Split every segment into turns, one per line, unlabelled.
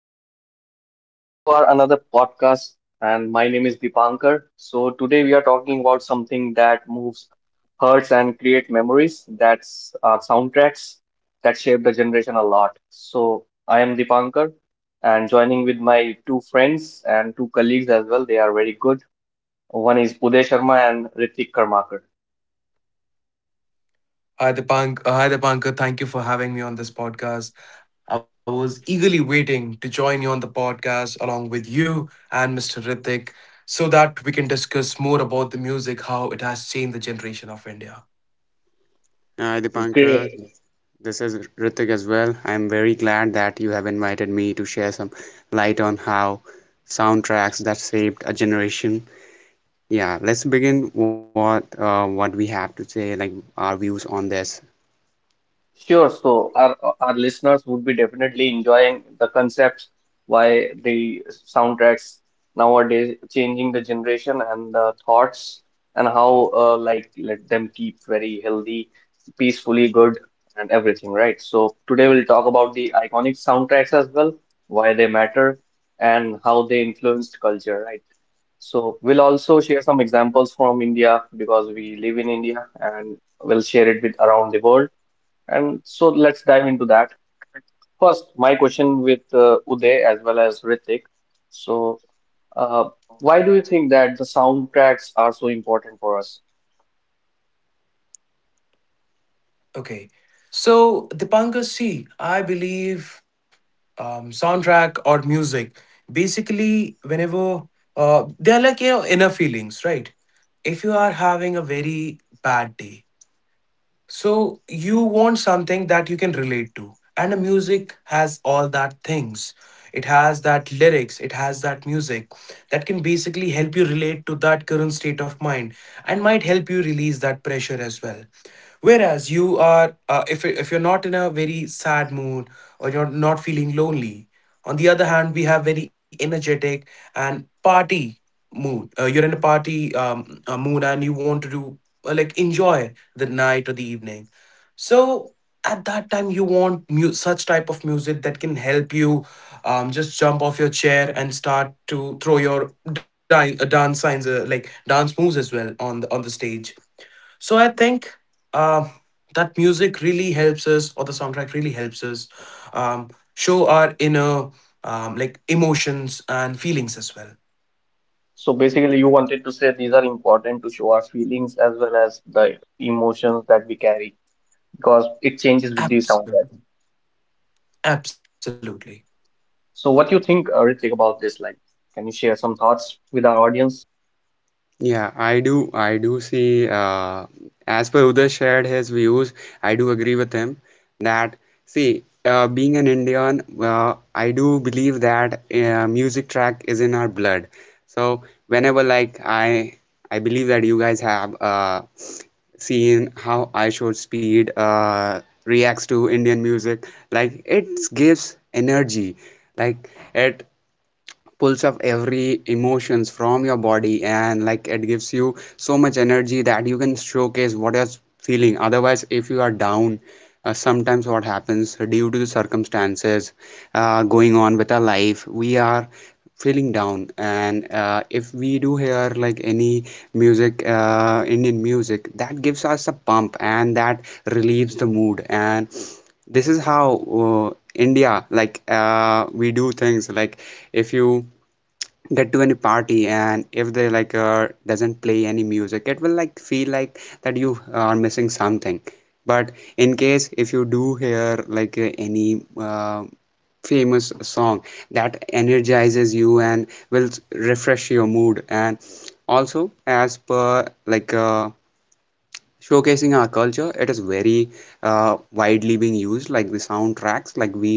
everyone. Welcome to our another podcast. And my name is Dipankar. So, today we are talking about something that moves, hurts, and create memories. That's soundtracks that shape the generation a lot. So, I am Dipankar, and joining with my two friends and two colleagues as well. They are very good. One is Uday Sharma and Ritik Karmakar.
Hi, Dipank. Hi, Dipankar. Thank you for having me on this podcast. I was eagerly waiting to join you on the podcast along with you and Mr. Ritik so that we can discuss more about the music, how it has changed the generation of India.
Hi Dipankar,
Great.
this is Ritik as well. I'm very glad that you have invited me to share some light on how soundtracks that shaped a generation. Yeah, let's begin what we have to say, like our views on this.
Sure. So our listeners would be definitely enjoying the concepts why the soundtracks nowadays changing the generation and the thoughts and how like let them keep very healthy, peacefully good and everything, right? So today we'll talk about the iconic soundtracks as well, why they matter and how they influenced culture, right? So we'll also share some examples from India because we live in India and we'll share it with around the world, and so let's dive into that. First, my question with Uday as well as Ritik. So, uh, why do you think that the soundtracks are so important for us?
Okay. So, Dipankar, see, I believe soundtrack or music, basically, whenever they are like, you know, inner feelings, right? If you are having a very bad day, so you want something that you can relate, and the music has all that things. It has that lyrics, it has that music that can basically help you relate to that current state of mind and might help you release that pressure as well, whereas you are if you're not in a very sad mood or you're not feeling lonely. On the other hand, we have very energetic and party mood. You're in a party mood and you want to do like enjoy the night or the evening. So at that time you want such type of music that can help you just jump off your chair and start to throw your dance signs, like dance moves as well on the stage. So I think um, that music really helps us, or the soundtrack really helps us um, show our inner like emotions and feelings as well.
So basically, you wanted to say these are important to show our feelings as well as the emotions that we carry because it changes with the soundtrack.
Absolutely, absolutely.
So, what do you think, Ritik, about this? Like, can you share some thoughts with our audience?
Yeah, I do. I do see. As per Uday shared his views, I do agree with him that see, being an Indian, I do believe that music track is in our blood. So whenever like I, I believe that you guys have seen how I Should Speed reacts to Indian music. Like it gives energy. Like it pulls of every emotions from your body, and like it gives you so much energy that you can showcase what you're feeling. Otherwise, if you are down, sometimes what happens, due to the circumstances going on with our life, we are feeling down. And if we do hear like any music, Indian music, that gives us a pump and that relieves the mood. And this is how, uh, India, we do things like, if you get to any party and if they doesn't play any music, it will like feel like that you are missing something. But in case if you do hear like any famous song, that energizes you and will refresh your mood. And also, as per showcasing our culture, it is very widely being used, like the soundtracks. Like we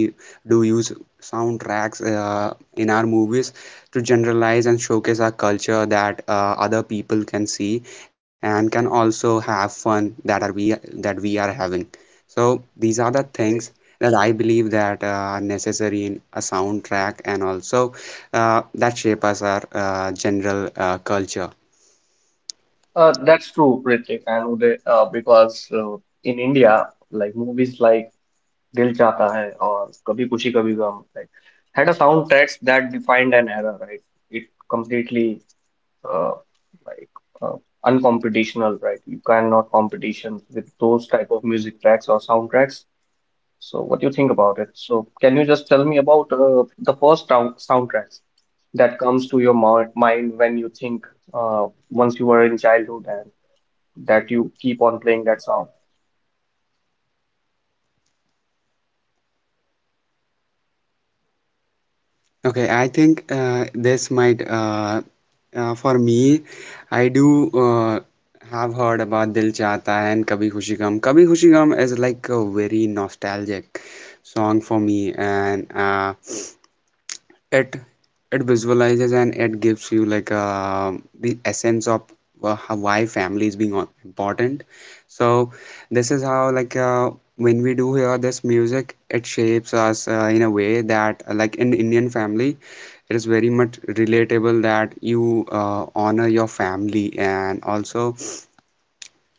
do use soundtracks in our movies to generalize and showcase our culture, that other people can see and can also have fun that we are having. So these are the things that I believe that are necessary in a soundtrack, and also that shape us our general culture.
That's true, Ritik and Uday, because in India, like movies like दिल चाहता है और कभी खुशी कभी गम like had a soundtracks that defined an era, right? It completely uh, like uh, uncompetitional, right? You cannot competition with those type of music tracks or soundtracks. So what do you think about it? So can you just tell me about the first soundtracks that comes to your mind when you think uh, once you were in childhood and that you keep on playing that song?
Okay, I think this might for me, I do have heard about Dil Chahta Hai and Kabhi Khushi Gum. Kabhi Khushi Gum is like a very nostalgic song for me, and it it visualizes and it gives you the essence of why family is being important. So this is how when we do hear this music, it shapes us in a way that, like in Indian family, it is very much relatable that you honor your family, and also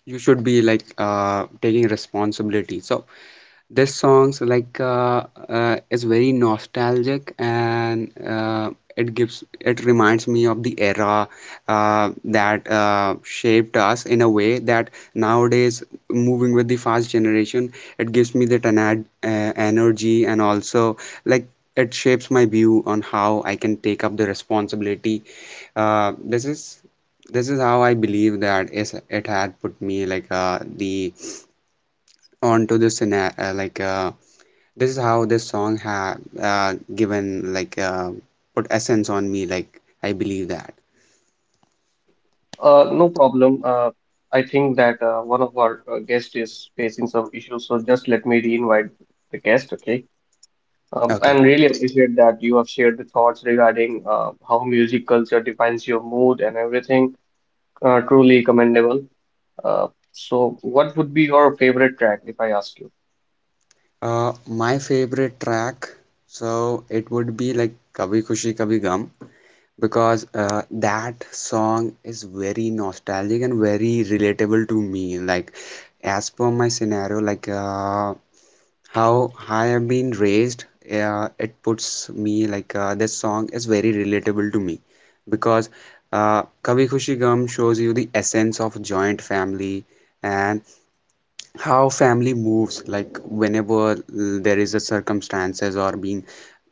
you should be taking responsibility. So this songs is very nostalgic, and it gives, it reminds me of the era that shaped us in a way that nowadays, moving with the fast generation, it gives me that energy. And also, like, it shapes my view on how I can take up the responsibility. uh, this is this is how I believe that is it had put me the onto the scena like this is how this song have given put essence on me. Like, I believe that.
No problem. I think that one of our guests is facing some issues, so just let me re-invite the guest, okay?
Okay.
And really appreciate that you have shared the thoughts regarding how music culture defines your mood and everything. Truly commendable. So, what would be your favorite track if I ask you?
My favorite track, so it would be like Kabhi Khushi Kabhi Gum, because that song is very nostalgic and very relatable to me. Like, as per my scenario, how I have been raised, it puts me this song is very relatable to me because Kabhi Khushi Gum shows you the essence of joint family, and how family moves, like whenever there is a circumstances, or being,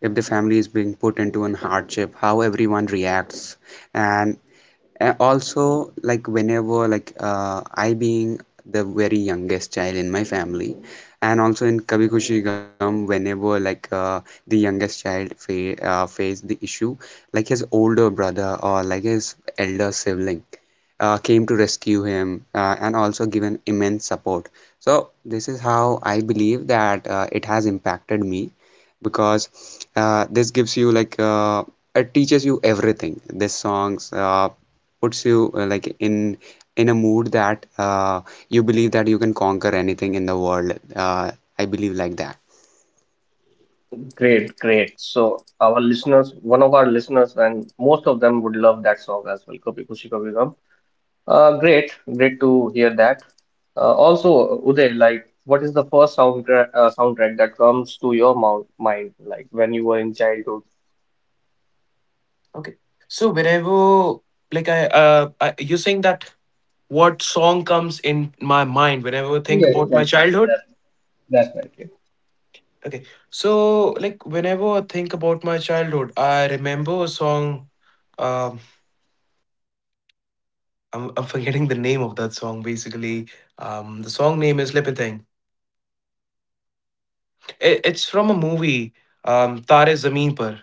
if the family is being put into an hardship, how everyone reacts. And also, like whenever like I being the very youngest child in my family, and also in Kabhi Khushi Gum, whenever like the youngest child fa faced the issue, like his older brother or like his elder sibling came to rescue him, and also given immense support. So this is how I believe that it has impacted me, because this gives you it teaches you everything. This songs puts you like in a mood that you believe that you can conquer anything in the world. I believe like that.
Great, great. So, our listeners, one of our listeners, and most of them would love that song as well, Kabhi Khushi Kabhi Gum. Great, great to hear that. Also, Uday, like, what is the first soundtrack that comes to your mind, like when you were in childhood?
Okay. So whenever like, you're saying that what song comes in my mind whenever I think
Yeah,
about my
that's right.
childhood?
That's right. Yeah.
Okay. So like whenever I think about my childhood, I remember a song. Um I'm, I'm forgetting the name of that song basically. The song name is Lippin. It's from a movie, Tare Zameen Par.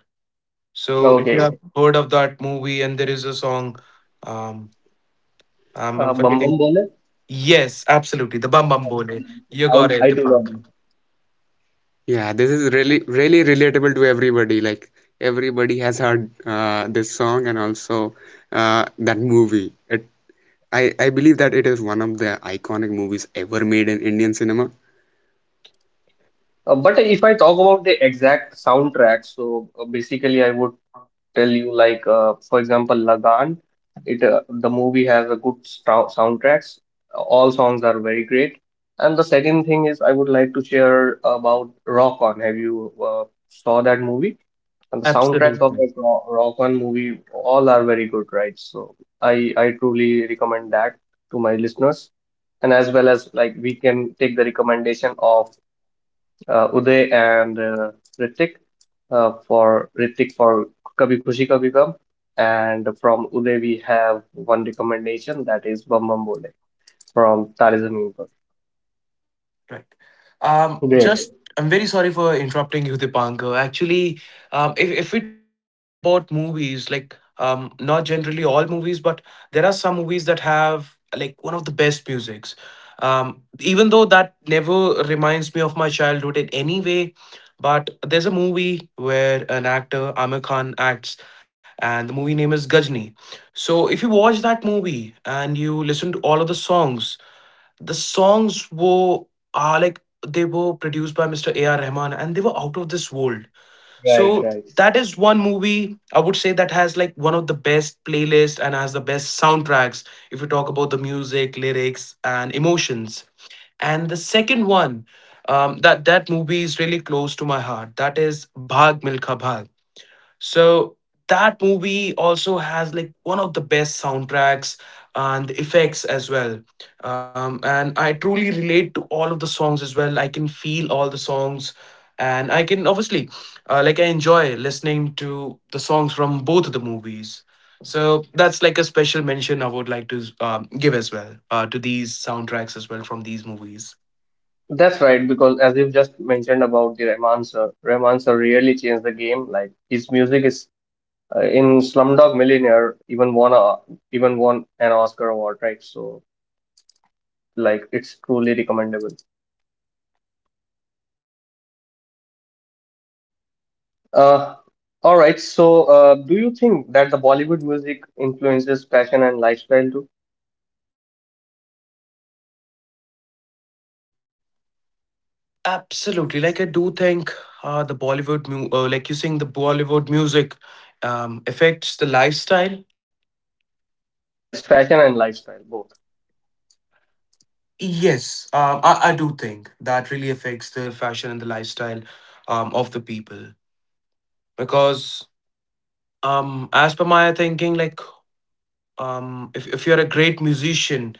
So if you
Okay,
have heard of that movie, and there is a song, um I'm, I'm
bum,
forgetting.
Bombole?
Yes, absolutely. The bum bum bole. You got it,
I
the
do love
punk.
it.
Yeah, this is really really relatable to everybody. Like everybody has heard this song, and also that movie. It I believe that it is one of the iconic movies ever made in Indian cinema.
Uh, but if I talk about the exact soundtrack, so basically I would tell you like for example Lagan, it the movie has a good soundtracks, all songs are very great. And the second thing is I would like to share about Rock On. Have you saw that movie? And the soundtracks of
Absolutely.
that Rock On movie all are very good, right? So I truly recommend that to my listeners, and as well as like we can take the recommendation of Uday and Ritik, for Ritik for Kabhi Khushi Kabhi Gum, and from Uday we have one recommendation that is Bam Bam Bole from Tare Zameen Par.
Right.
Great.
Just, I'm very sorry for interrupting you, Dipankar. Actually, if we talk about movies, like, not generally all movies, but there are some movies that have, like, one of the best musics. Even though that never reminds me of my childhood in any way, but there's a movie where an actor, Amir Khan, acts, and the movie name is Gajni. So if you watch that movie and you listen to all of the songs were like they were produced by Mr. A.R. Rahman, and they were out of this world.
Right,
So
right.
that is one movie I would say that has like one of the best playlists and has the best soundtracks if you talk about the music, lyrics, and emotions. And the second one, that movie is really close to my heart. That is Bhag Milkha Bhag. So that movie also has like one of the best soundtracks and effects as well. And I truly relate to all of the songs as well. I can feel all the songs. And I can obviously, like, I enjoy listening to the songs from both of the movies. So that's like a special mention I would like to give as well to these soundtracks as well from these movies.
That's right, because as you've just mentioned about the Rahman sir really changed the game. Like his music is in Slumdog Millionaire even won an Oscar award, right? So like it's truly recommendable. Uh, all right. So, do you think that the Bollywood music influences fashion and lifestyle too?
Absolutely. Like I do think the like you saying, the Bollywood music affects the lifestyle.
Yes, fashion and lifestyle both.
Yes, I do think that really affects the fashion and the lifestyle of the people because, as per my thinking, like if you're a great musician,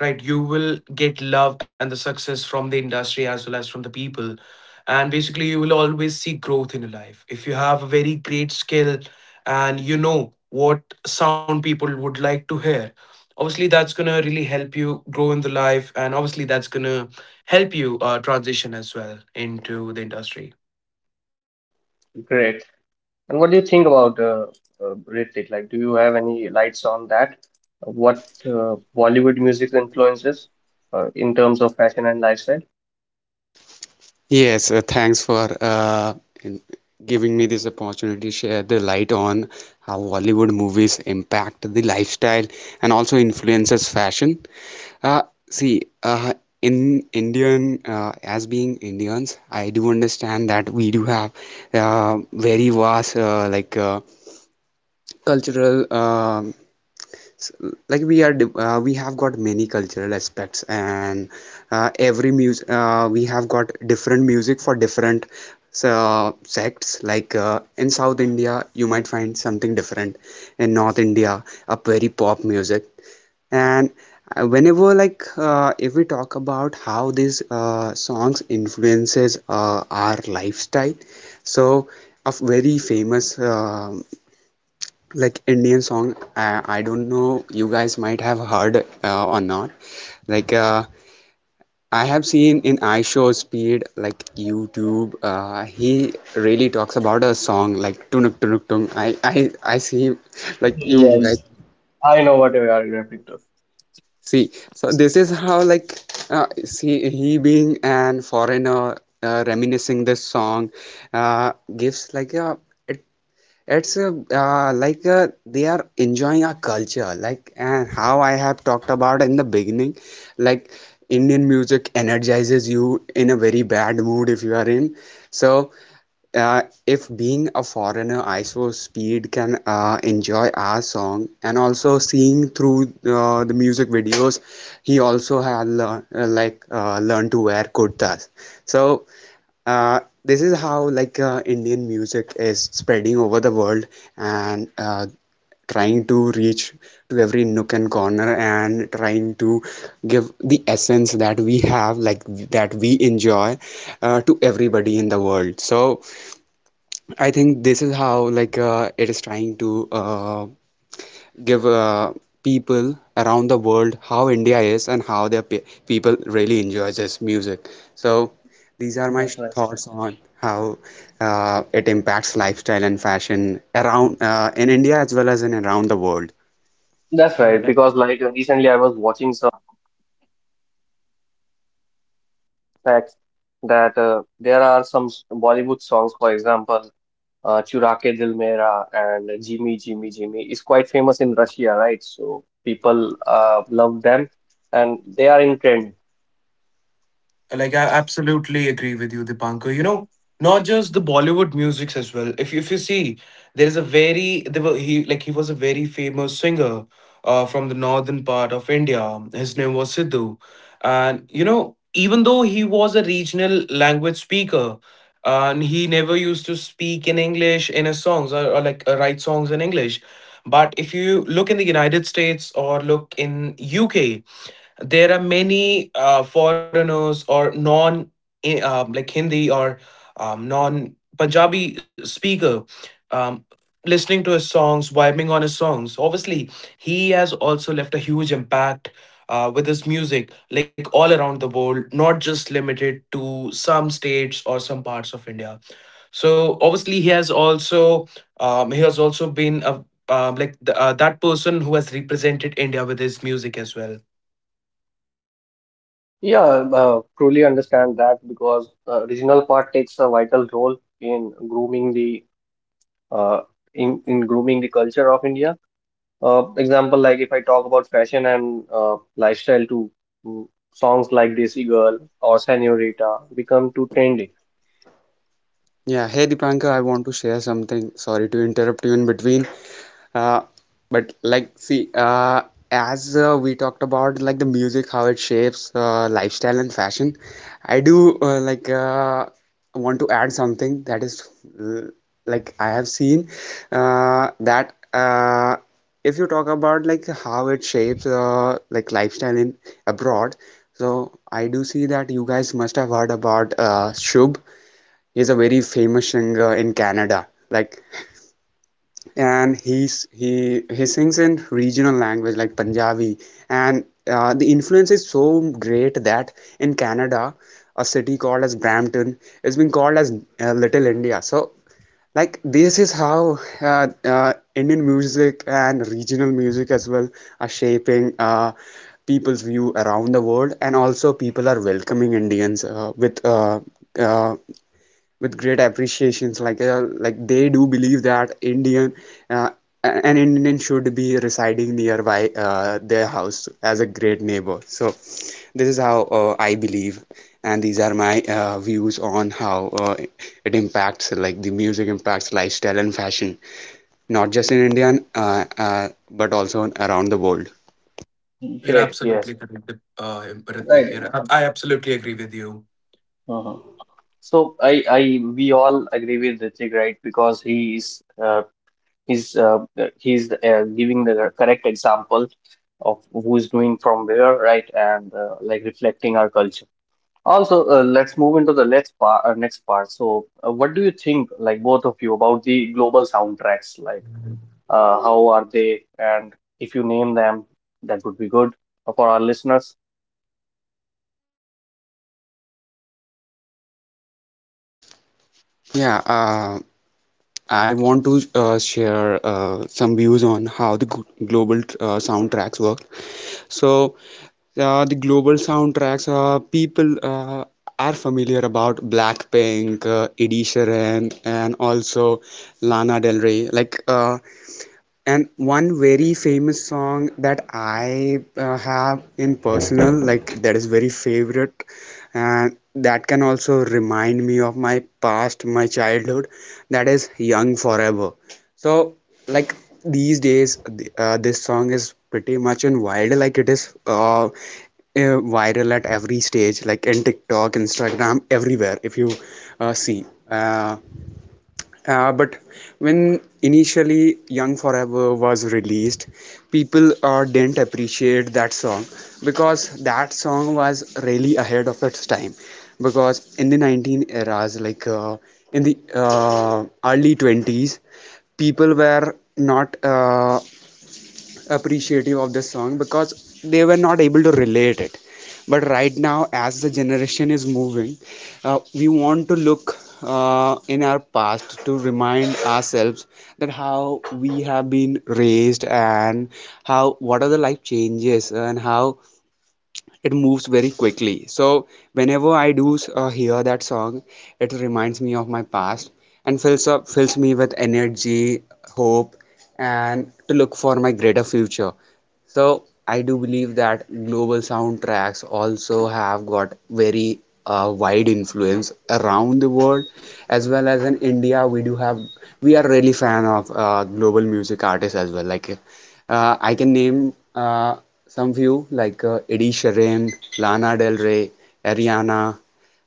right, you will get love and the success from the industry as well as from the people, and basically you will always see growth in your life if you have a very great skill and you know what sound people would like to hear. Obviously that's going to really help you grow in the life, and obviously that's going to help you transition as well into the industry.
Great. And what do you think about Ritik? Like, do you have any lights on that? What Bollywood music influences in terms of fashion and lifestyle?
Yes, thanks for in giving me this opportunity to share the light on how Bollywood movies impact the lifestyle and also influences fashion. Uh, see, in Indian, as being Indians, I do understand that we do have very vast cultural s- we have got many cultural aspects. And every music, we have got different music for different, so sects, in South India you might find something different, in North India a very pop music. And whenever like if we talk about how these songs influences our lifestyle, so a very famous Indian song. I don't know, you guys might have heard or not. Like uh, I have seen in iShow Speed, like YouTube, he really talks about a song like tunuk tunuk tung. I see, like
Yeah,
you
yeah,
guys
I know what you are referring to.
see. So this is how see, he being an foreigner, reminiscing this song, gives like a it it's a, they are enjoying our culture. Like, and how I have talked about in the beginning, like, Indian music energizes you in a very bad mood if you are in. So, if being a foreigner, I ISO Speed can enjoy our song, and also seeing through the music videos, he also had learn, learned to wear kurtas. So this is how Indian music is spreading over the world, and trying to reach to every nook and corner, and trying to give the essence that we have, like, that we enjoy to everybody in the world. So I think this is how it is trying to give people around the world how India is, and how their pe people really enjoy this music. So these are my
That's right.
thoughts on how it impacts lifestyle and fashion around, in India as well as in around the world.
That's right, because like recently I was watching some facts that there are some Bollywood songs, for example, Chura Ke Dil Mera and Jimmy Jimmy Jimmy, is quite famous in Russia, right? So people love them and they are in trend.
Like I absolutely agree with you, Dipankar. You know, not just the Bollywood musics as well. If you see, there is a very there were he like he was a very famous singer, from the northern part of India. His name was Sidhu, and you know, even though he was a regional language speaker, and he never used to speak in English in his songs, or like write songs in English. But if you look in the United States or look in UK, there are many foreigners or like Hindi or non Punjabi speaker um, listening to his songs, vibing on his songs. Obviously, he has also left a huge impact with his music, like all around the world, not just limited to some states or some parts of India. So obviously, he has also been a like the, that person who has represented India with his music as well.
Yeah, truly understand that because regional part takes a vital role in grooming the uh, in grooming the culture of India. Example like if I talk about fashion and lifestyle too, mm, songs like Desi Girl or Senorita become too trendy.
Yeah, hey Dipanka, I want to share something. Sorry to interrupt you in between. Uh, but like, see, as we talked about, like, the music, how it shapes lifestyle and fashion, I do want to add something, that is l- like, I have seen that if you talk about like how it shapes like lifestyle in abroad, so I do see that you guys must have heard about Shub. He's a very famous singer in Canada. Like, and he sings in regional language like Punjabi. And the influence is so great that, in Canada, a city called as Brampton is being called as Little India. So, like, this is how Indian music and regional music as well are shaping people's view around the world, and also people are welcoming Indians uh, with great appreciations, like they do believe that Indian uh, an Indian should be residing nearby their house as a great neighbor. So this is how I believe, and these are my views on how it impacts, like, the music impacts lifestyle and fashion, not just in India, but also around the world.
You're
Great, yes,
absolutely correct, uh, Pratik.
right.
I absolutely agree with you.
Uh huh. We all agree with Hrithik, right? Because he's, uh, he's giving the correct example of who's doing from where, right? And like reflecting our culture. Also, let's move into the next part. So, what do you think, like both of you, about the global soundtracks? Like, how are they? And if you name them, that would be good for our listeners.
Yeah, I want to share some views on how the global soundtracks work. So the global soundtracks, people are familiar about Blackpink, Ed Sheeran, and also Lana Del Rey. And one very famous song that I have in personal, like, that is very favorite, and that can also remind me of my past, my childhood. That is Young Forever. So, like, these days, this song is pretty much in wild. Like it is. Viral at every stage, like in TikTok, Instagram, everywhere, if you see. Uh, but when initially Young Forever was released, people didn't appreciate that song, because that song was really ahead of its time. Because in the 19 eras, in the early 20s, people were not appreciative of this song, because they were not able to relate it. But right now, as the generation is moving, we want to look in our past to remind ourselves that how we have been raised, and how, what are the life changes, and how it moves very quickly. So whenever I do hear that song, it reminds me of my past and fills me with energy, hope, and to look for my greater future. So I do believe that global soundtracks also have got very wide influence around the world, as well as in India. We do have We are really fan of global music artists as well, like I can name some few like Eddie Sheeran, Lana Del Rey, Ariana.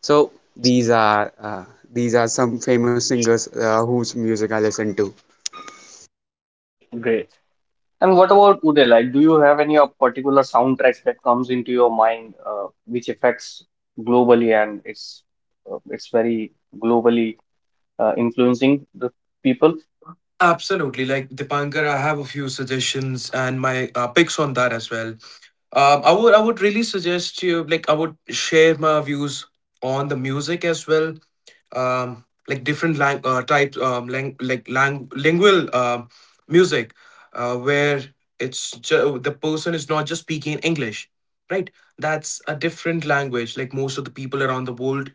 So these are some famous singers whose music I listen to.
Great. And what about Uday? Like, do you have any particular soundtracks that comes into your mind, which affects globally, and it's very globally influencing the people?
Absolutely. Like Dipankar, I have a few suggestions and my picks on that as well. Um, I would really suggest you, like I would share my views on the music as well. Like different types, lingual music, where the person is not just speaking in English, right? That's a different language. Like most of the people around the world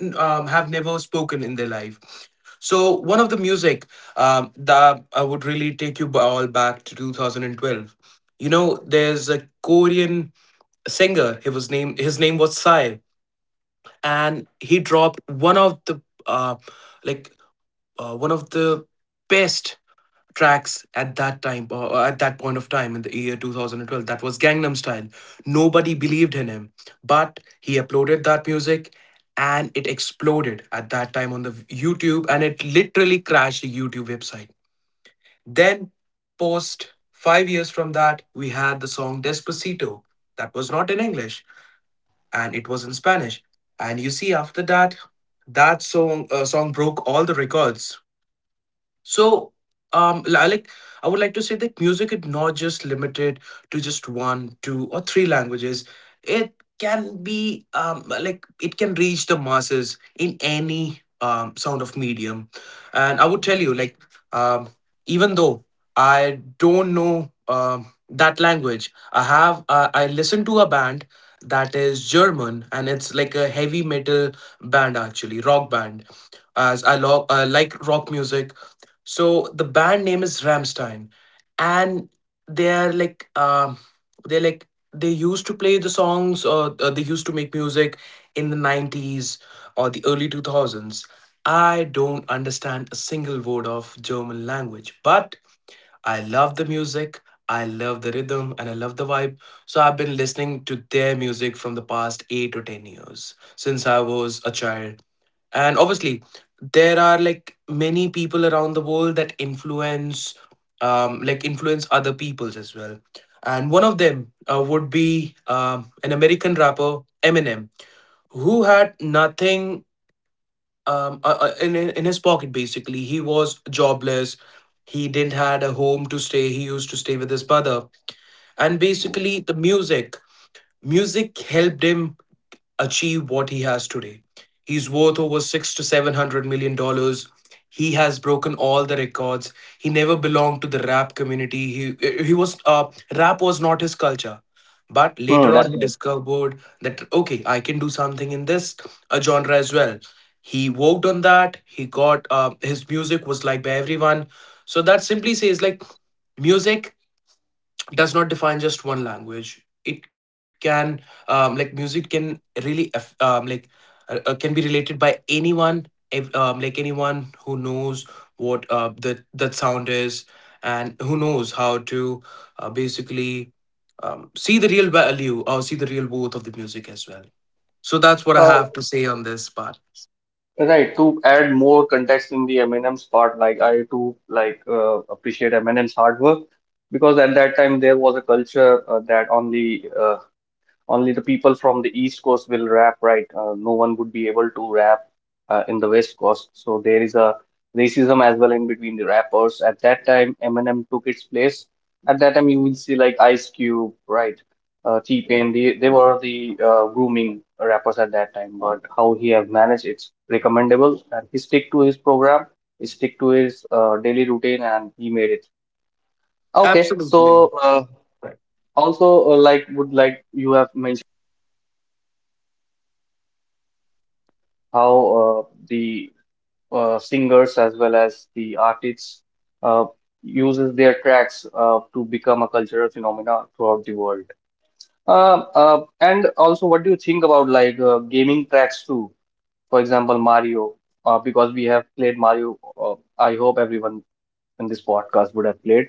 have never spoken in their life. So one of the music that I would really take you all back to 2012. You know, there's a Korean singer. He was named. His name was Psy, and he dropped one of the like one of the best tracks at that time, or at that point of time in the year 2012. That was gangnam style. Nobody believed in him, but he uploaded that music and it exploded at that time on the YouTube, and it literally crashed the YouTube website. Then post 5 years from that, we had the song despacito that was not in English, and it was in Spanish. And you see, after that, that song broke all the records. So, like I would like to say that music is not just limited to just one, two, or three languages. It can be like it can reach the masses in any sound of medium. And I would tell you, like, um, even though I don't know that language, I have I listen to a band that is German, and it's like a heavy metal band actually, rock band, as I like rock music. So the band name is Ramstein, and they're like they used to play the songs, or they used to make music in the 90s or the early 2000s. I don't understand a single word of German language, but I love the music, I love the rhythm, and I love the vibe. So I've been listening to their music from the past 8 or 10 years since I was a child, and obviously there are like many people around the world that influence influence other peoples as well. And one of them would be an american rapper eminem who had nothing in his pocket. Basically he was jobless. He didn't had a home to stay. He used to stay with his mother, and basically the music music helped him achieve what he has today. He's worth over six to seven hundred million dollars. He has broken all the records. He never belonged to the rap community. He was rap was not his culture, but
Hmm,
later
that's
on he
right.
discovered that okay, I can do something in this genre as well. He worked on that. He got his music was liked by everyone. So that simply says music does not define just one language. It can music can really can be related by anyone, anyone who knows what the that sound is and who knows how to basically see the real value or see the real worth of the music as well. So that's what I
Uh,
have to say on this part.
right. To add more context in the Eminem's part, like I too like appreciate Eminem's hard work because at that time there was a culture that only the people from the East Coast will rap, right? No one would be able to rap in the West Coast. So there is a racism as well in between the rappers. At that time, Eminem took its place. At that time, you will see like Ice Cube, right? T-Pain, they were the grooming rappers at that time. But how he have managed, it's recommendable. And he stick to his program, he stick to his daily routine, and he made it. Okay,
Absolutely.
so also like would like you have how the singers as well as the artists uh, uses their tracks to become a cultural phenomena throughout the world. And also, what do you think about like gaming tracks too? For example, Mario, because we have played Mario. I hope everyone in this podcast would have played.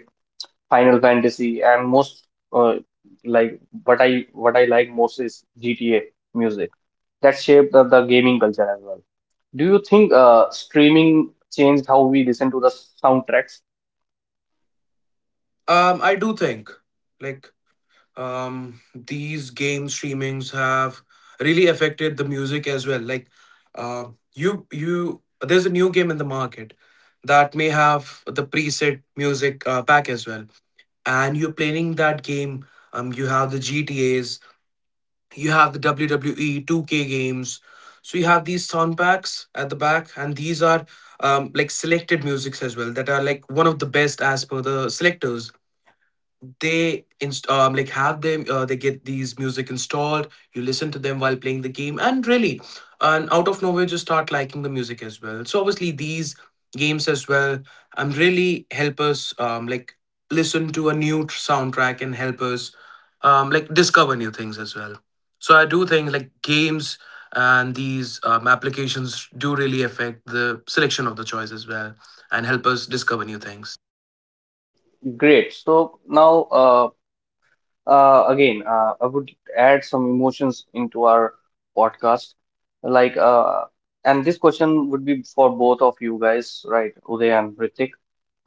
Final Fantasy, and most uh, like what I like most is GTA music that shaped the gaming culture as well. Do you think streaming changed how we listen to the soundtracks?
I do think like these game streamings have really affected the music as well. Like uh, you you There's a new game in the market that may have the preset music pack as well, and you're playing that game. You have the GTAs, you have the WWE 2k games, so you have these sound packs at the back, and these are like selected musics as well that are like one of the best as per the selectors. They inst- like Have them, they get these music installed. You listen to them while playing the game, and really, and out of nowhere just start liking the music as well. So obviously these games as well really help us listen to a new soundtrack and help us discover new things as well. So I do think like games and these applications do really affect the selection of the choice as well and help us discover new things.
Great. So now, uh, again, I would add some emotions into our podcast. Like, and this question would be for both of you guys, right? Uday and Ritik.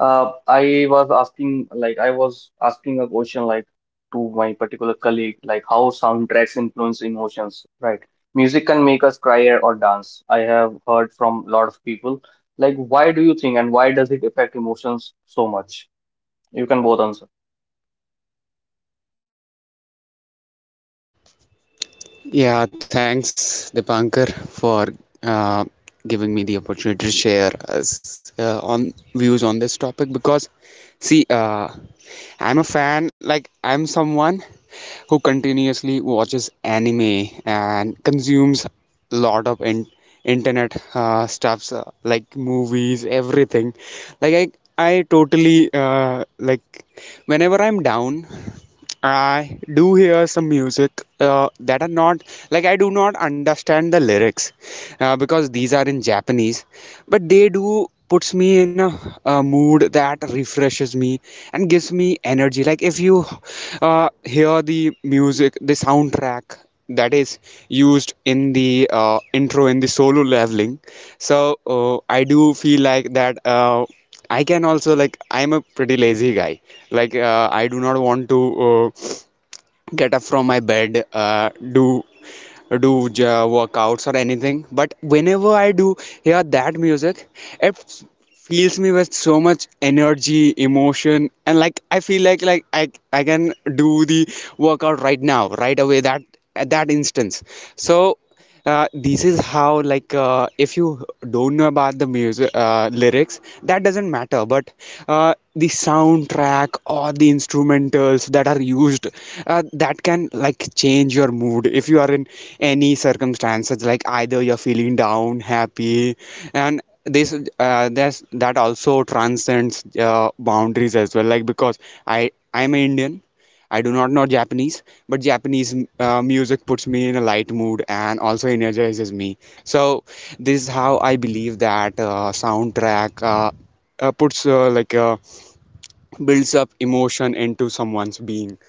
I was asking a question, like, to my particular colleague, like, how soundtracks influence emotions, right? Music can make us cry or dance. I have heard from a lot of people. Like, why do you think, and why does it affect emotions so much? You can both answer.
Yeah, thanks Dipankar for uh, giving me the opportunity to share us, on views on this topic because see, uh, I'm a fan. Like I'm someone who continuously watches anime and consumes lot of entertainment internet stuffs like movies everything like i like whenever I'm down I do hear some music that are not like I do not understand the lyrics because these are in Japanese, but they do puts me in a mood that refreshes me and gives me energy. Like if you hear the music, the soundtrack that is used in the intro in the Solo Leveling, so I do feel like that I can also like I'm a pretty lazy guy. Like I do not want to uh, get up from my bed, do workouts or anything. But whenever I do hear that music, it f- fills me with so much energy, emotion, and like I feel like I can do the workout right now, right away, that at that instance. So this is how like if you don't know about the music lyrics, that doesn't matter, but the soundtrack or the instrumentals that are used, that can like change your mood if you are in any circumstances, like either you're feeling down, happy. And this that's that also transcends boundaries as well. Like because I'm an Indian, I do not know Japanese, but Japanese music puts me in a light mood and also energizes me. So this is how I believe that soundtrack puts like builds up emotion into someone's being.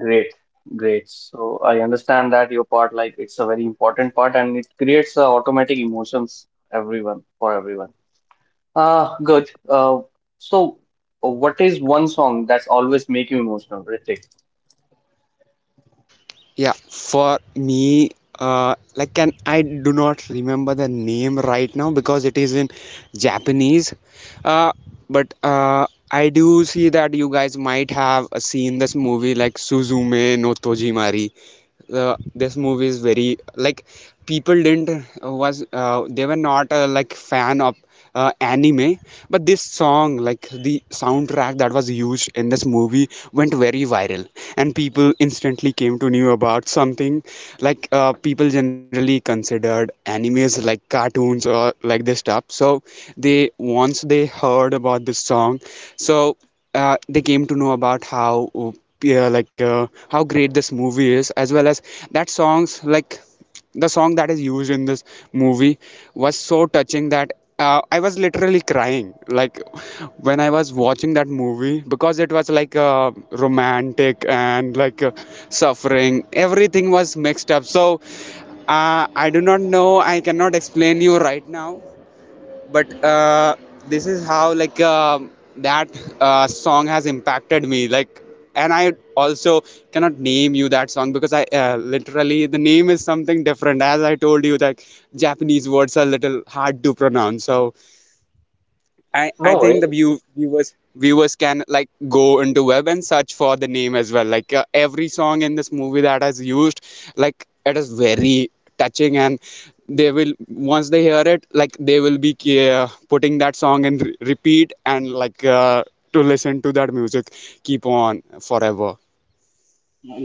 Great, great. So I understand that your part, like it's a very important part and it creates automatic emotions everyone for everyone. Ah, good. So what is one song that's always make you emotional, Ritik?
Yeah, for me, like can I, do not remember the name right now because it is in Japanese. Uh, but I do see that you guys might have seen this movie like Suzume no Tojimari. This movie is very like people didn't was they were not like fan of anime, but this song, like the soundtrack that was used in this movie, went very viral and people instantly came to know about something. Like people generally considered animes like cartoons or like this stuff, so they once they heard about this song, so they came to know about how yeah, like how great this movie is as well as that songs, like the song that is used in this movie was so touching that I was literally crying. Like when I was watching that movie, because it was like romantic and like suffering, everything was mixed up. So I do not know, I cannot explain you right now, but this is how like that song has impacted me. Like and I also cannot name you that song because I literally the name is something different, as I told you that Japanese words are little hard to pronounce. So I
No
think
worries.
the viewers, can like go into web and search for the name as well, like every song in this movie that is used, like it is very touching, and they will once they hear it, like they will be putting that song in repeat and like to listen to that music keep on forever.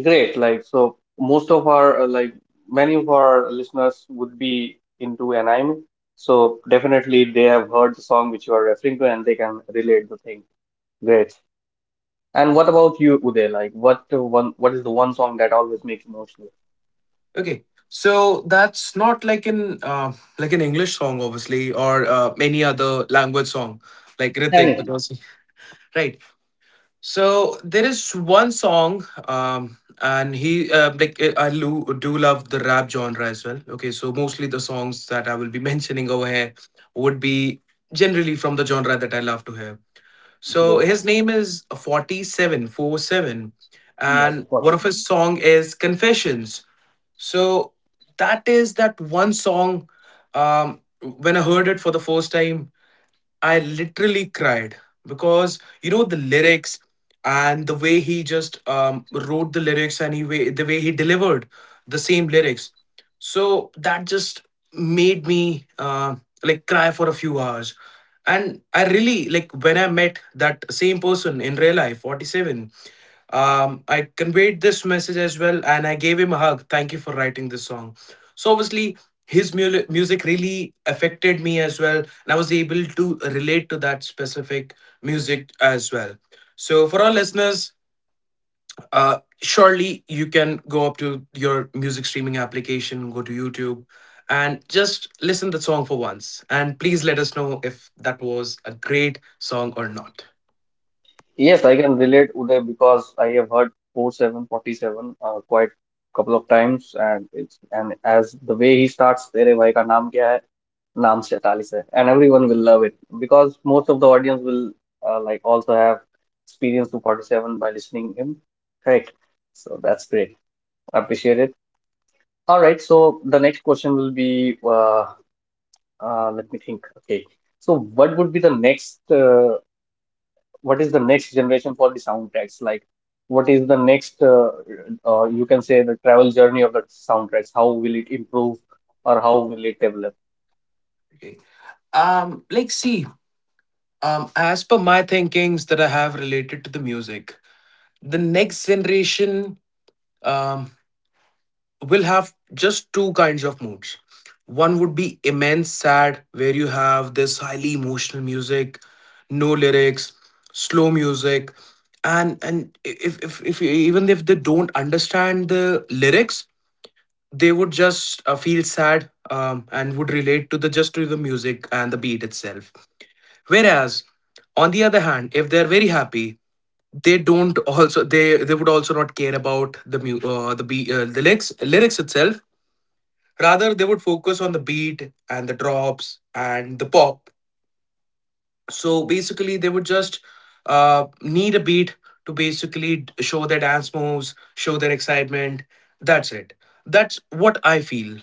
Great. Like so, most of our like many of our listeners would be into anime, so definitely they have heard the song which you are referring to and they can relate the thing. Great. And what about you, Uday? Like, What is the one song that always makes you emotional?
Okay, so that's not like an like an English song, obviously, or any other language song, like Ritik,
Anything.
because right. So there is one song, and he like I do love the rap genre as well. Okay, so mostly the songs that I will be mentioning over here would be generally from the genre that I love to hear. So his
Great.
name is 47 47,
Yes.
and
Got
one
it.
of his song is Confessions. So that is that one song. When I heard it for the first time, I literally cried because you know the lyrics and the way he just wrote the lyrics and the way he delivered the same lyrics. So that just made me like cry for a few hours. And I really like when I met that same person in real life, 47. I conveyed this message as well and I gave him a hug. Thank you for writing this song. So obviously his music really affected me as well, and I was able to relate to that specific music as well. So for our listeners, surely you can go up to your music streaming application, go to YouTube, and just listen the song for once, and please let us know if that was a great song or not.
Yes, I can relate Uday because I have heard 4747 quite couple of times, and it's and as the way he starts, "तेरे भाई का नाम क्या है?" नाम 47 है, and everyone will love it because most of the audience will like also have experience to 47 by listening him. Correct. So that's great. I appreciate it. All right. So the next question will be, let me think. Okay. So what would be the next, what is the next generation for the soundtracks? Like, what is the next, you can say the travel journey of the soundtracks? How will it improve or how will it develop?
Okay. Like see As per my thinkings that I have related to the music, the next generation um will have just two kinds of moods. One would be immense sad, where you have this highly emotional music, no lyrics, slow music, and if even if they don't understand the lyrics, they would just feel sad and would relate to the just to the music and the beat itself. Whereas, on the other hand, if they're very happy, they don't also they would also not care about the mu- the be the lyrics lyrics itself. Rather, they would focus on the beat and the drops and the pop. So basically they would just need a beat to basically show their dance moves, show their excitement. That's it. That's what I feel.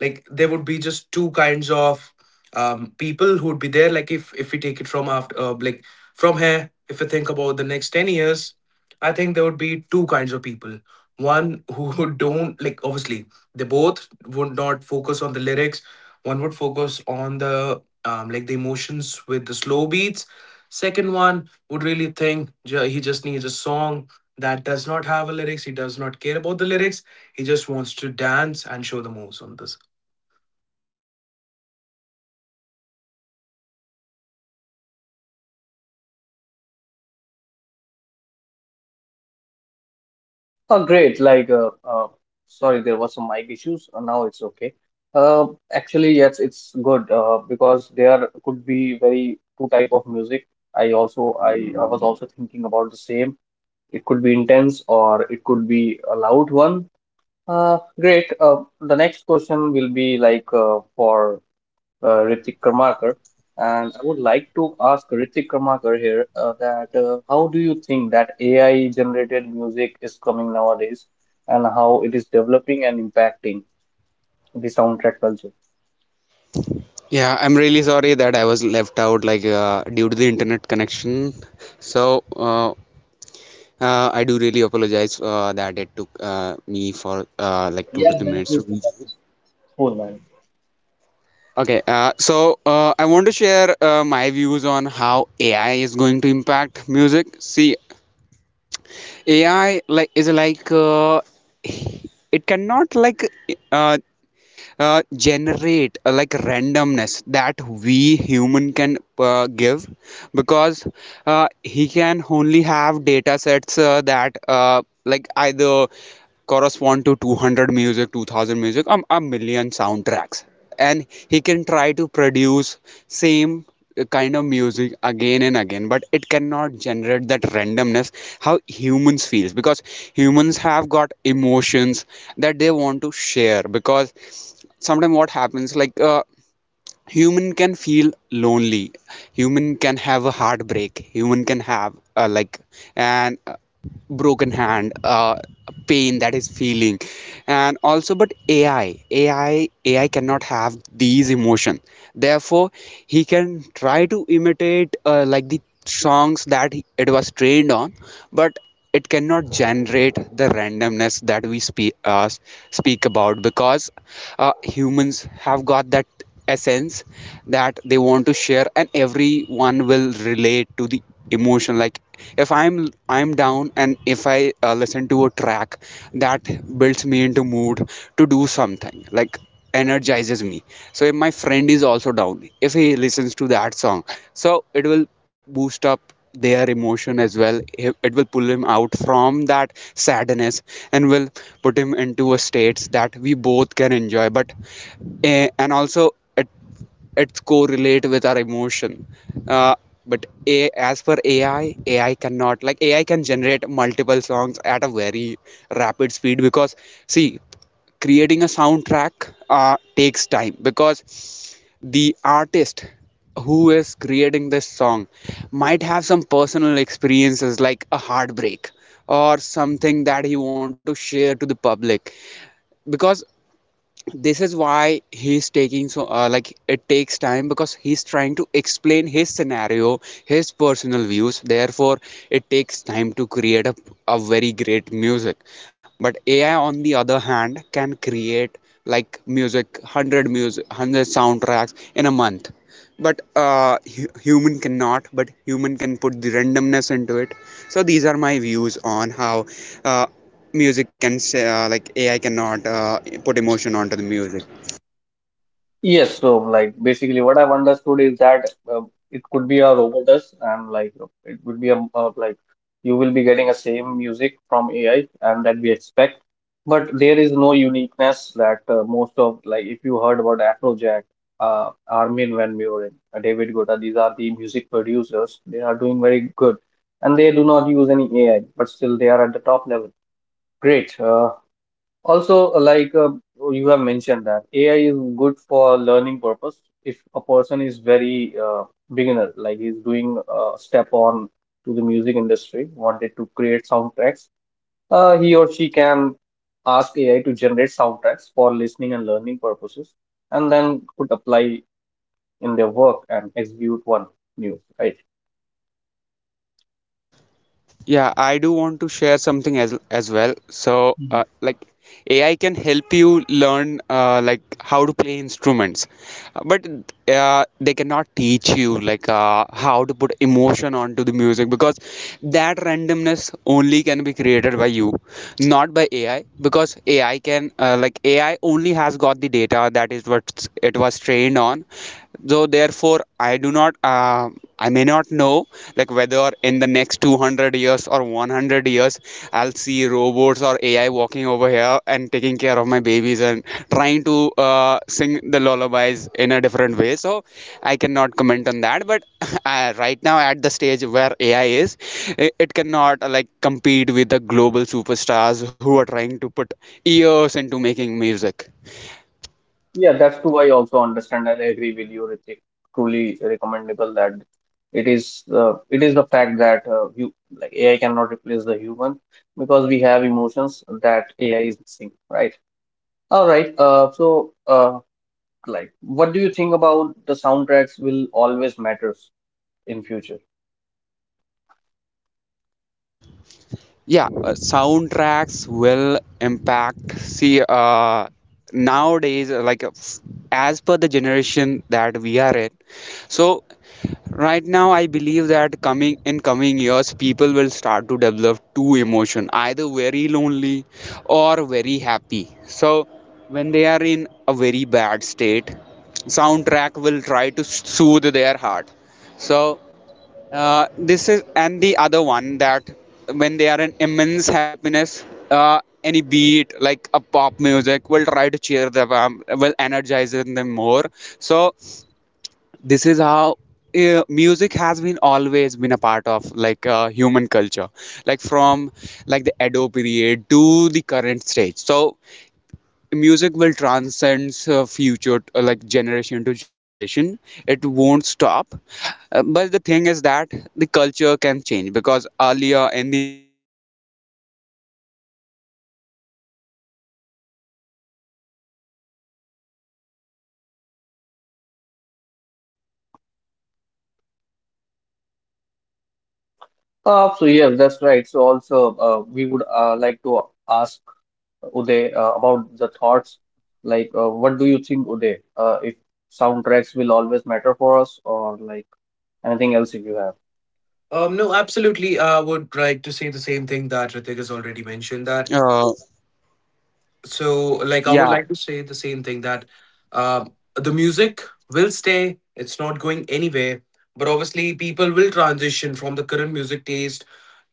Like there would be just two kinds of people who would be there. Like if we take it from after from here, if we think about the next 10 years, I think there would be two kinds of people. One who don't like, obviously they both would not focus on the lyrics. One would focus on the like the emotions with the slow beats. Second one would really think he just needs a song that does not have a lyrics. He does not care about the lyrics. He just wants to dance and show the moves on this.
Oh, great. Like, sorry, there was some mic issues. Now it's okay. Uh, actually, yes, it's good, because there could be very two type of music. I also, I, I was also thinking about the same. It could be intense or it could be a loud one. Great. The next question will be like for Ritik Karmakar, and I would like to ask Ritik Karmakar here that how do you think that AI generated music is coming nowadays, and how it is developing and impacting the soundtrack culture?
Yeah, I'm really sorry that I was left out, like due to the internet connection. So I do really apologize that it took me for like two
Yeah,
to three minutes
definitely.
to reach.
Definitely. Cool, man.
Okay, so I want to share my views on how AI is going to impact music. See, AI is like it cannot like uh, generate like randomness that we human can give, because he can only have data sets that like either correspond to 200 music, 2000 music, a million soundtracks, and he can try to produce same kind of music again and again, but it cannot generate that randomness how humans feels, because humans have got emotions that they want to share. Because sometimes what happens like human can feel lonely, human can have a heartbreak, human can have like an broken hand, pain that is feeling. And also, but AI cannot have these emotion, therefore he can try to imitate like the songs that it was trained on, but it cannot generate the randomness that we speak about. Because humans have got that essence that they want to share, and everyone will relate to the emotion. Like if I'm down and if I listen to a track that builds me into mood to do something, like energizes me, so if my friend is also down, if he listens to that song, so it will boost up their emotion as well. It will pull him out from that sadness and will put him into a states that we both can enjoy. But and also at its core relate with our emotion, uh, but a, as for ai ai cannot like AI can generate multiple songs at a very rapid speed, because see, creating a soundtrack uh, takes time, because the artist who is creating this song might have some personal experiences, like a heartbreak or something that he want to share to the public. Because this is why he's taking so like it takes time, because he's trying to explain his scenario, his personal views, therefore it takes time to create a very great music. But AI on the other hand can create like music 100 music, 100 soundtracks in a month, but human cannot, but human can put the randomness into it. So these are my views on how uh, music can say, like AI cannot put emotion onto the music.
Yes, so like basically what I've understood is that uh, it could be a robotess and like it would be a like you will be getting a same music from AI and that we expect, but there is no uniqueness that most of like if you heard about Afrojack, Armin Van Buuren, David Guetta, these are the music producers. They are doing very good, and they do not use any AI, but still they are at the top level. Great. Also, like you have mentioned that AI is good for learning purpose. If a person is very beginner, like he's doing a step on to the music industry, wanted to create soundtracks, he or she can ask AI to generate soundtracks for listening and learning purposes, and then could apply in their work and execute one new, right?
Yeah, I do want to share something as well. So, like AI can help you learn like how to play instruments, but they cannot teach you like how to put emotion onto the music, because that randomness only can be created by you, not by AI. Because AI can like AI only has got the data that is what it was trained on, so therefore I do not I may not know like whether in the next 200 years or 100 years I'll see robots or AI walking over here and taking care of my babies and trying to sing the lullabies in a different way. So I cannot comment on that, but right now at the stage where AI is, it cannot like compete with the global superstars who are trying to put years into making music.
Yeah, that's true. I also understand and agree with you, Ritik. Truly recommendable that it is the fact that you like AI cannot replace the human because we have emotions that AI is missing, right? All right. Like, what do you think about the soundtracks will always matters in future?
Yeah, soundtracks will impact, see nowadays like as per the generation that we are in. So right now I believe that coming in coming years, people will start to develop two emotion, either very lonely or very happy. So when they are in a very bad state, soundtrack will try to soothe their heart. So this is, and the other one, that when they are in immense happiness, any beat like a pop music will try to cheer them, will energize them more. So this is how music has been always been a part of like human culture, like from like the Edo period to the current stage. So music will transcend future, like generation to generation, it won't stop. But the thing is that the culture can change, because earlier in the 90s we were listening instrumental or classical music, but right now we are more fond of electronic music, pop music. So this is how
So yes, that's right. So also, we would like to ask Uday about the thoughts. Like, what do you think, Uday? If soundtracks will always matter for us, or like anything else if you have?
No, absolutely. I would like to say the same thing that Ritik has already mentioned, that
uh,
so like I would
yeah.
like to say the same thing that uh, the music will stay, it's not going anywhere, but obviously people will transition from the current music taste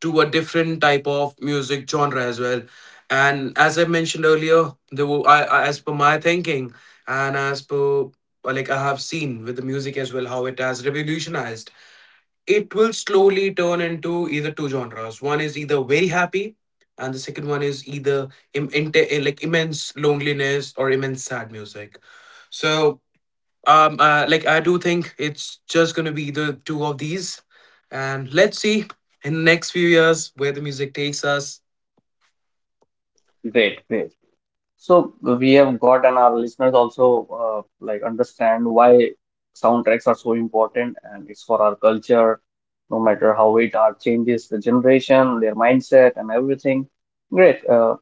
to a different type of music genre as well. And as I mentioned earlier, there were, I, as per my thinking and as per like I have seen with the music as well how it has revolutionized, it will slowly turn into either two genres. One is either very happy, and the second one is either immense loneliness or immense sad music. So, like I do think it's just gonna be the two of these, and let's see in the next few years where the music takes us.
Great, great. So we have got, and our listeners also like understand why soundtracks are so important, and it's for our culture. No matter how it art changes the generation, their mindset, and everything. Great. Uh,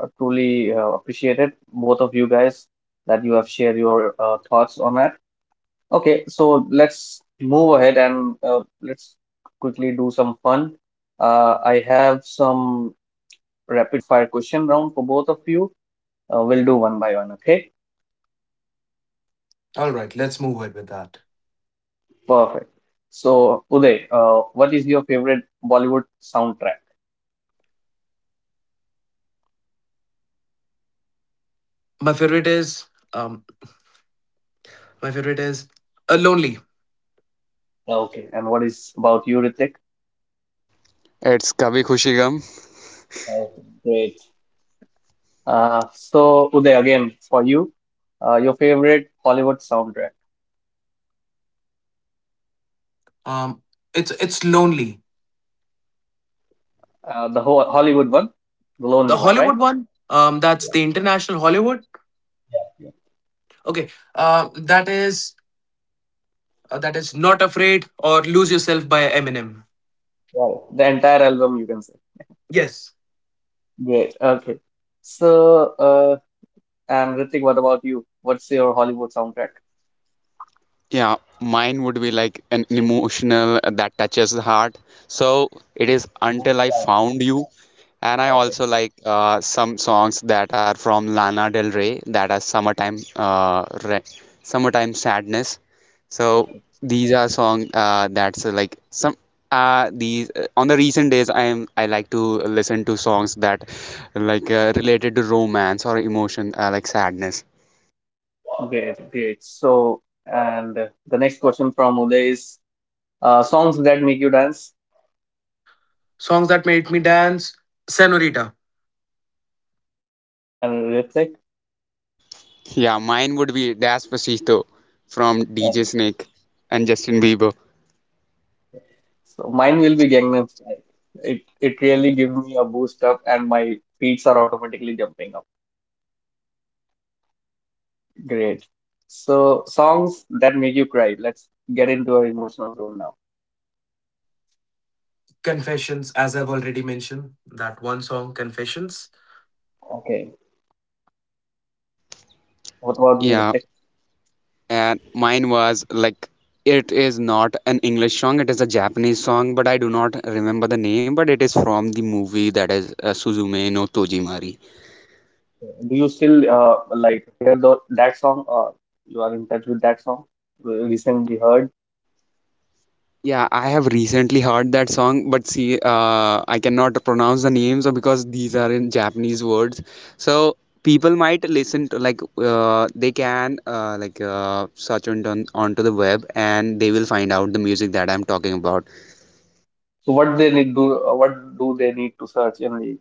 uh, Truly appreciated both of you guys that you have shared your thoughts on that. Okay, so let's move ahead and let's quickly do some fun. I have some rapid fire question round for both of you. We'll do one by one, okay?
All right, let's move ahead with that.
Perfect. So, Uday, what is your favorite Bollywood soundtrack?
My favorite is um, my favorite is lonely.
Okay. And what is about you, Ritik?
It's Kabhi Khushi Gum.
Okay. Great. So, Uday, again, for you, your favorite Hollywood soundtrack.
Um, it's it's lonely.
The whole Hollywood one, the
The
lonely one, right?
Hollywood one. That's
Yeah,
the international Hollywood.
yeah.
Okay, uh, that is that is Not Afraid or Lose Yourself by Eminem.
Right. The entire album, you can say.
Yes,
Great. Okay. So, and Ritik, what about you? What's your Hollywood soundtrack?
Yeah, mine would be like an emotional that touches the heart. So it is
Not
Until I
bad.
Found You. And I
Okay.
also like some songs that are from Lana Del Rey that are Summertime Sadness. So these are song that's like some these on the recent days I am, I like to listen to songs that like related to romance or emotion, like sadness.
Okay. Great, great. So, and the next question from Uday is songs that make you dance
songs that made me dance. Senorita,
and Ritik.
Yeah, mine would be Despacito from
Um,
DJ Snake and Justin Bieber.
So mine will be Gangnam Style. It it really gives me a boost up, and my feet are automatically jumping up. Great. So songs that make you cry. Let's get into our emotional zone now.
Confessions, as I've already mentioned, that one song, Confessions.
Okay. What about you,
Yeah,
Ritik?
and mine was like it is not an English song, it is a Japanese song, but I do not remember the name, but it is from the movie that is Suzume no Tojimari.
Do you still like hear that song or you are in touch with that song recently heard?
Yeah, I have recently heard that song, but see, I cannot pronounce the names because these are in Japanese words. So people might listen to like they can like search onto the web and they will find out the music that I'm talking about.
So what they need do what do they need to search in the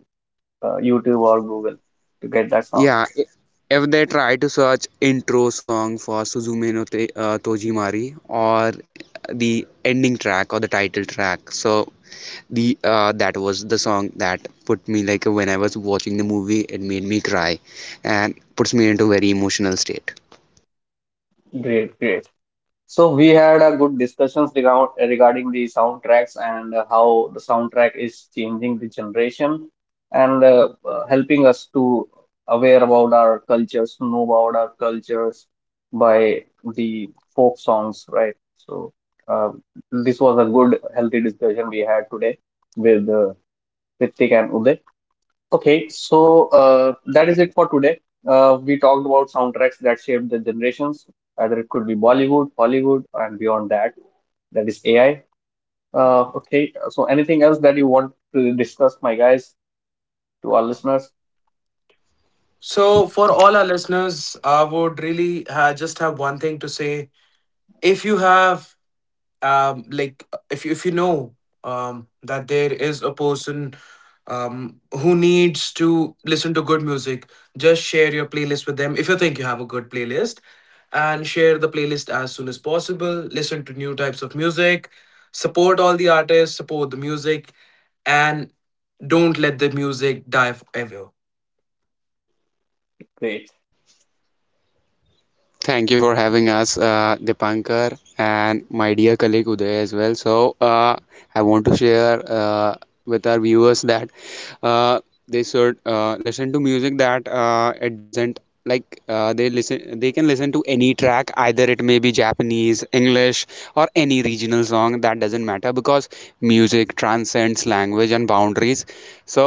YouTube or Google to get that song?
Yeah, if they try to search intro song for Suzume no Te, Tojimari or the ending track or the title track, so the that was the song that put me like when I was watching the movie, it made me cry and puts me into a very emotional state.
Great, great. So we had a good discussions regarding the soundtracks and how the soundtrack is changing the generation and helping us to aware about our cultures, know about our cultures by the folk songs, right? So uh, this was a good, healthy discussion we had today with Ritik and Uday. Okay, so that is it for today. We talked about soundtracks that shaped the generations, either it could be Bollywood, Hollywood, and beyond that. That is AI. Okay, so anything else that you want to discuss, my guys, to our listeners?
So for all our listeners, I would really just have one thing to say: if you have if you know that there is a person who needs to listen to good music, just share your playlist with them if you think you have a good playlist, and share the playlist as soon as possible. Listen to new types of music, support all the artists, support the music, and don't let the music die forever.
Great.
Thank you for having us, Dipankar, and my dear colleague Uday as well. So, I want to share with our viewers that uh, they should listen to music that it doesn't like they listen, they can listen to any track, either it may be Japanese, English, or any regional song, that doesn't matter, because music transcends language and boundaries. So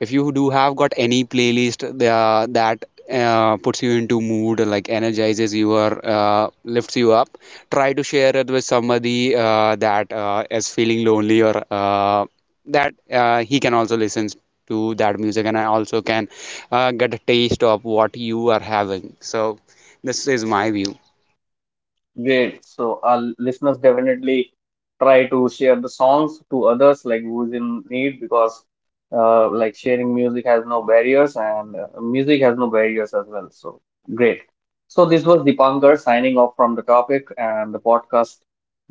if you do have got any playlist that puts you into mood, like energizes your lifts you up, try to share it with somebody that is feeling lonely or that he can also listen to that music, and I also can get a taste of what you are having. So this is my view.
Great. So our listeners definitely try to share the songs to others like who's in need because like sharing music has no barriers and music has no barriers as well. So great. So this was Dipankar signing off from the topic and the podcast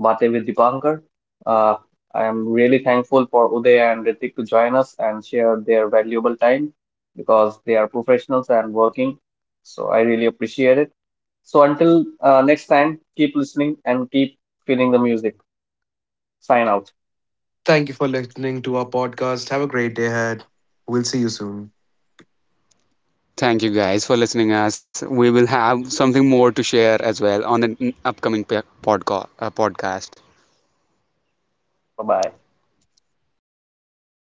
Bate with Dipankar. Uh, I am really thankful for Uday and Ritik to join us and share their valuable time because they are professionals and working. So I really appreciate it. So until next time, keep listening and keep feeling the music. Sign out.
Thank you for listening to our podcast. Have a great day ahead. We'll see you soon.
Thank you guys for listening us, we will have something more to share as well on the upcoming podcast.
Bye bye.
Bye for now.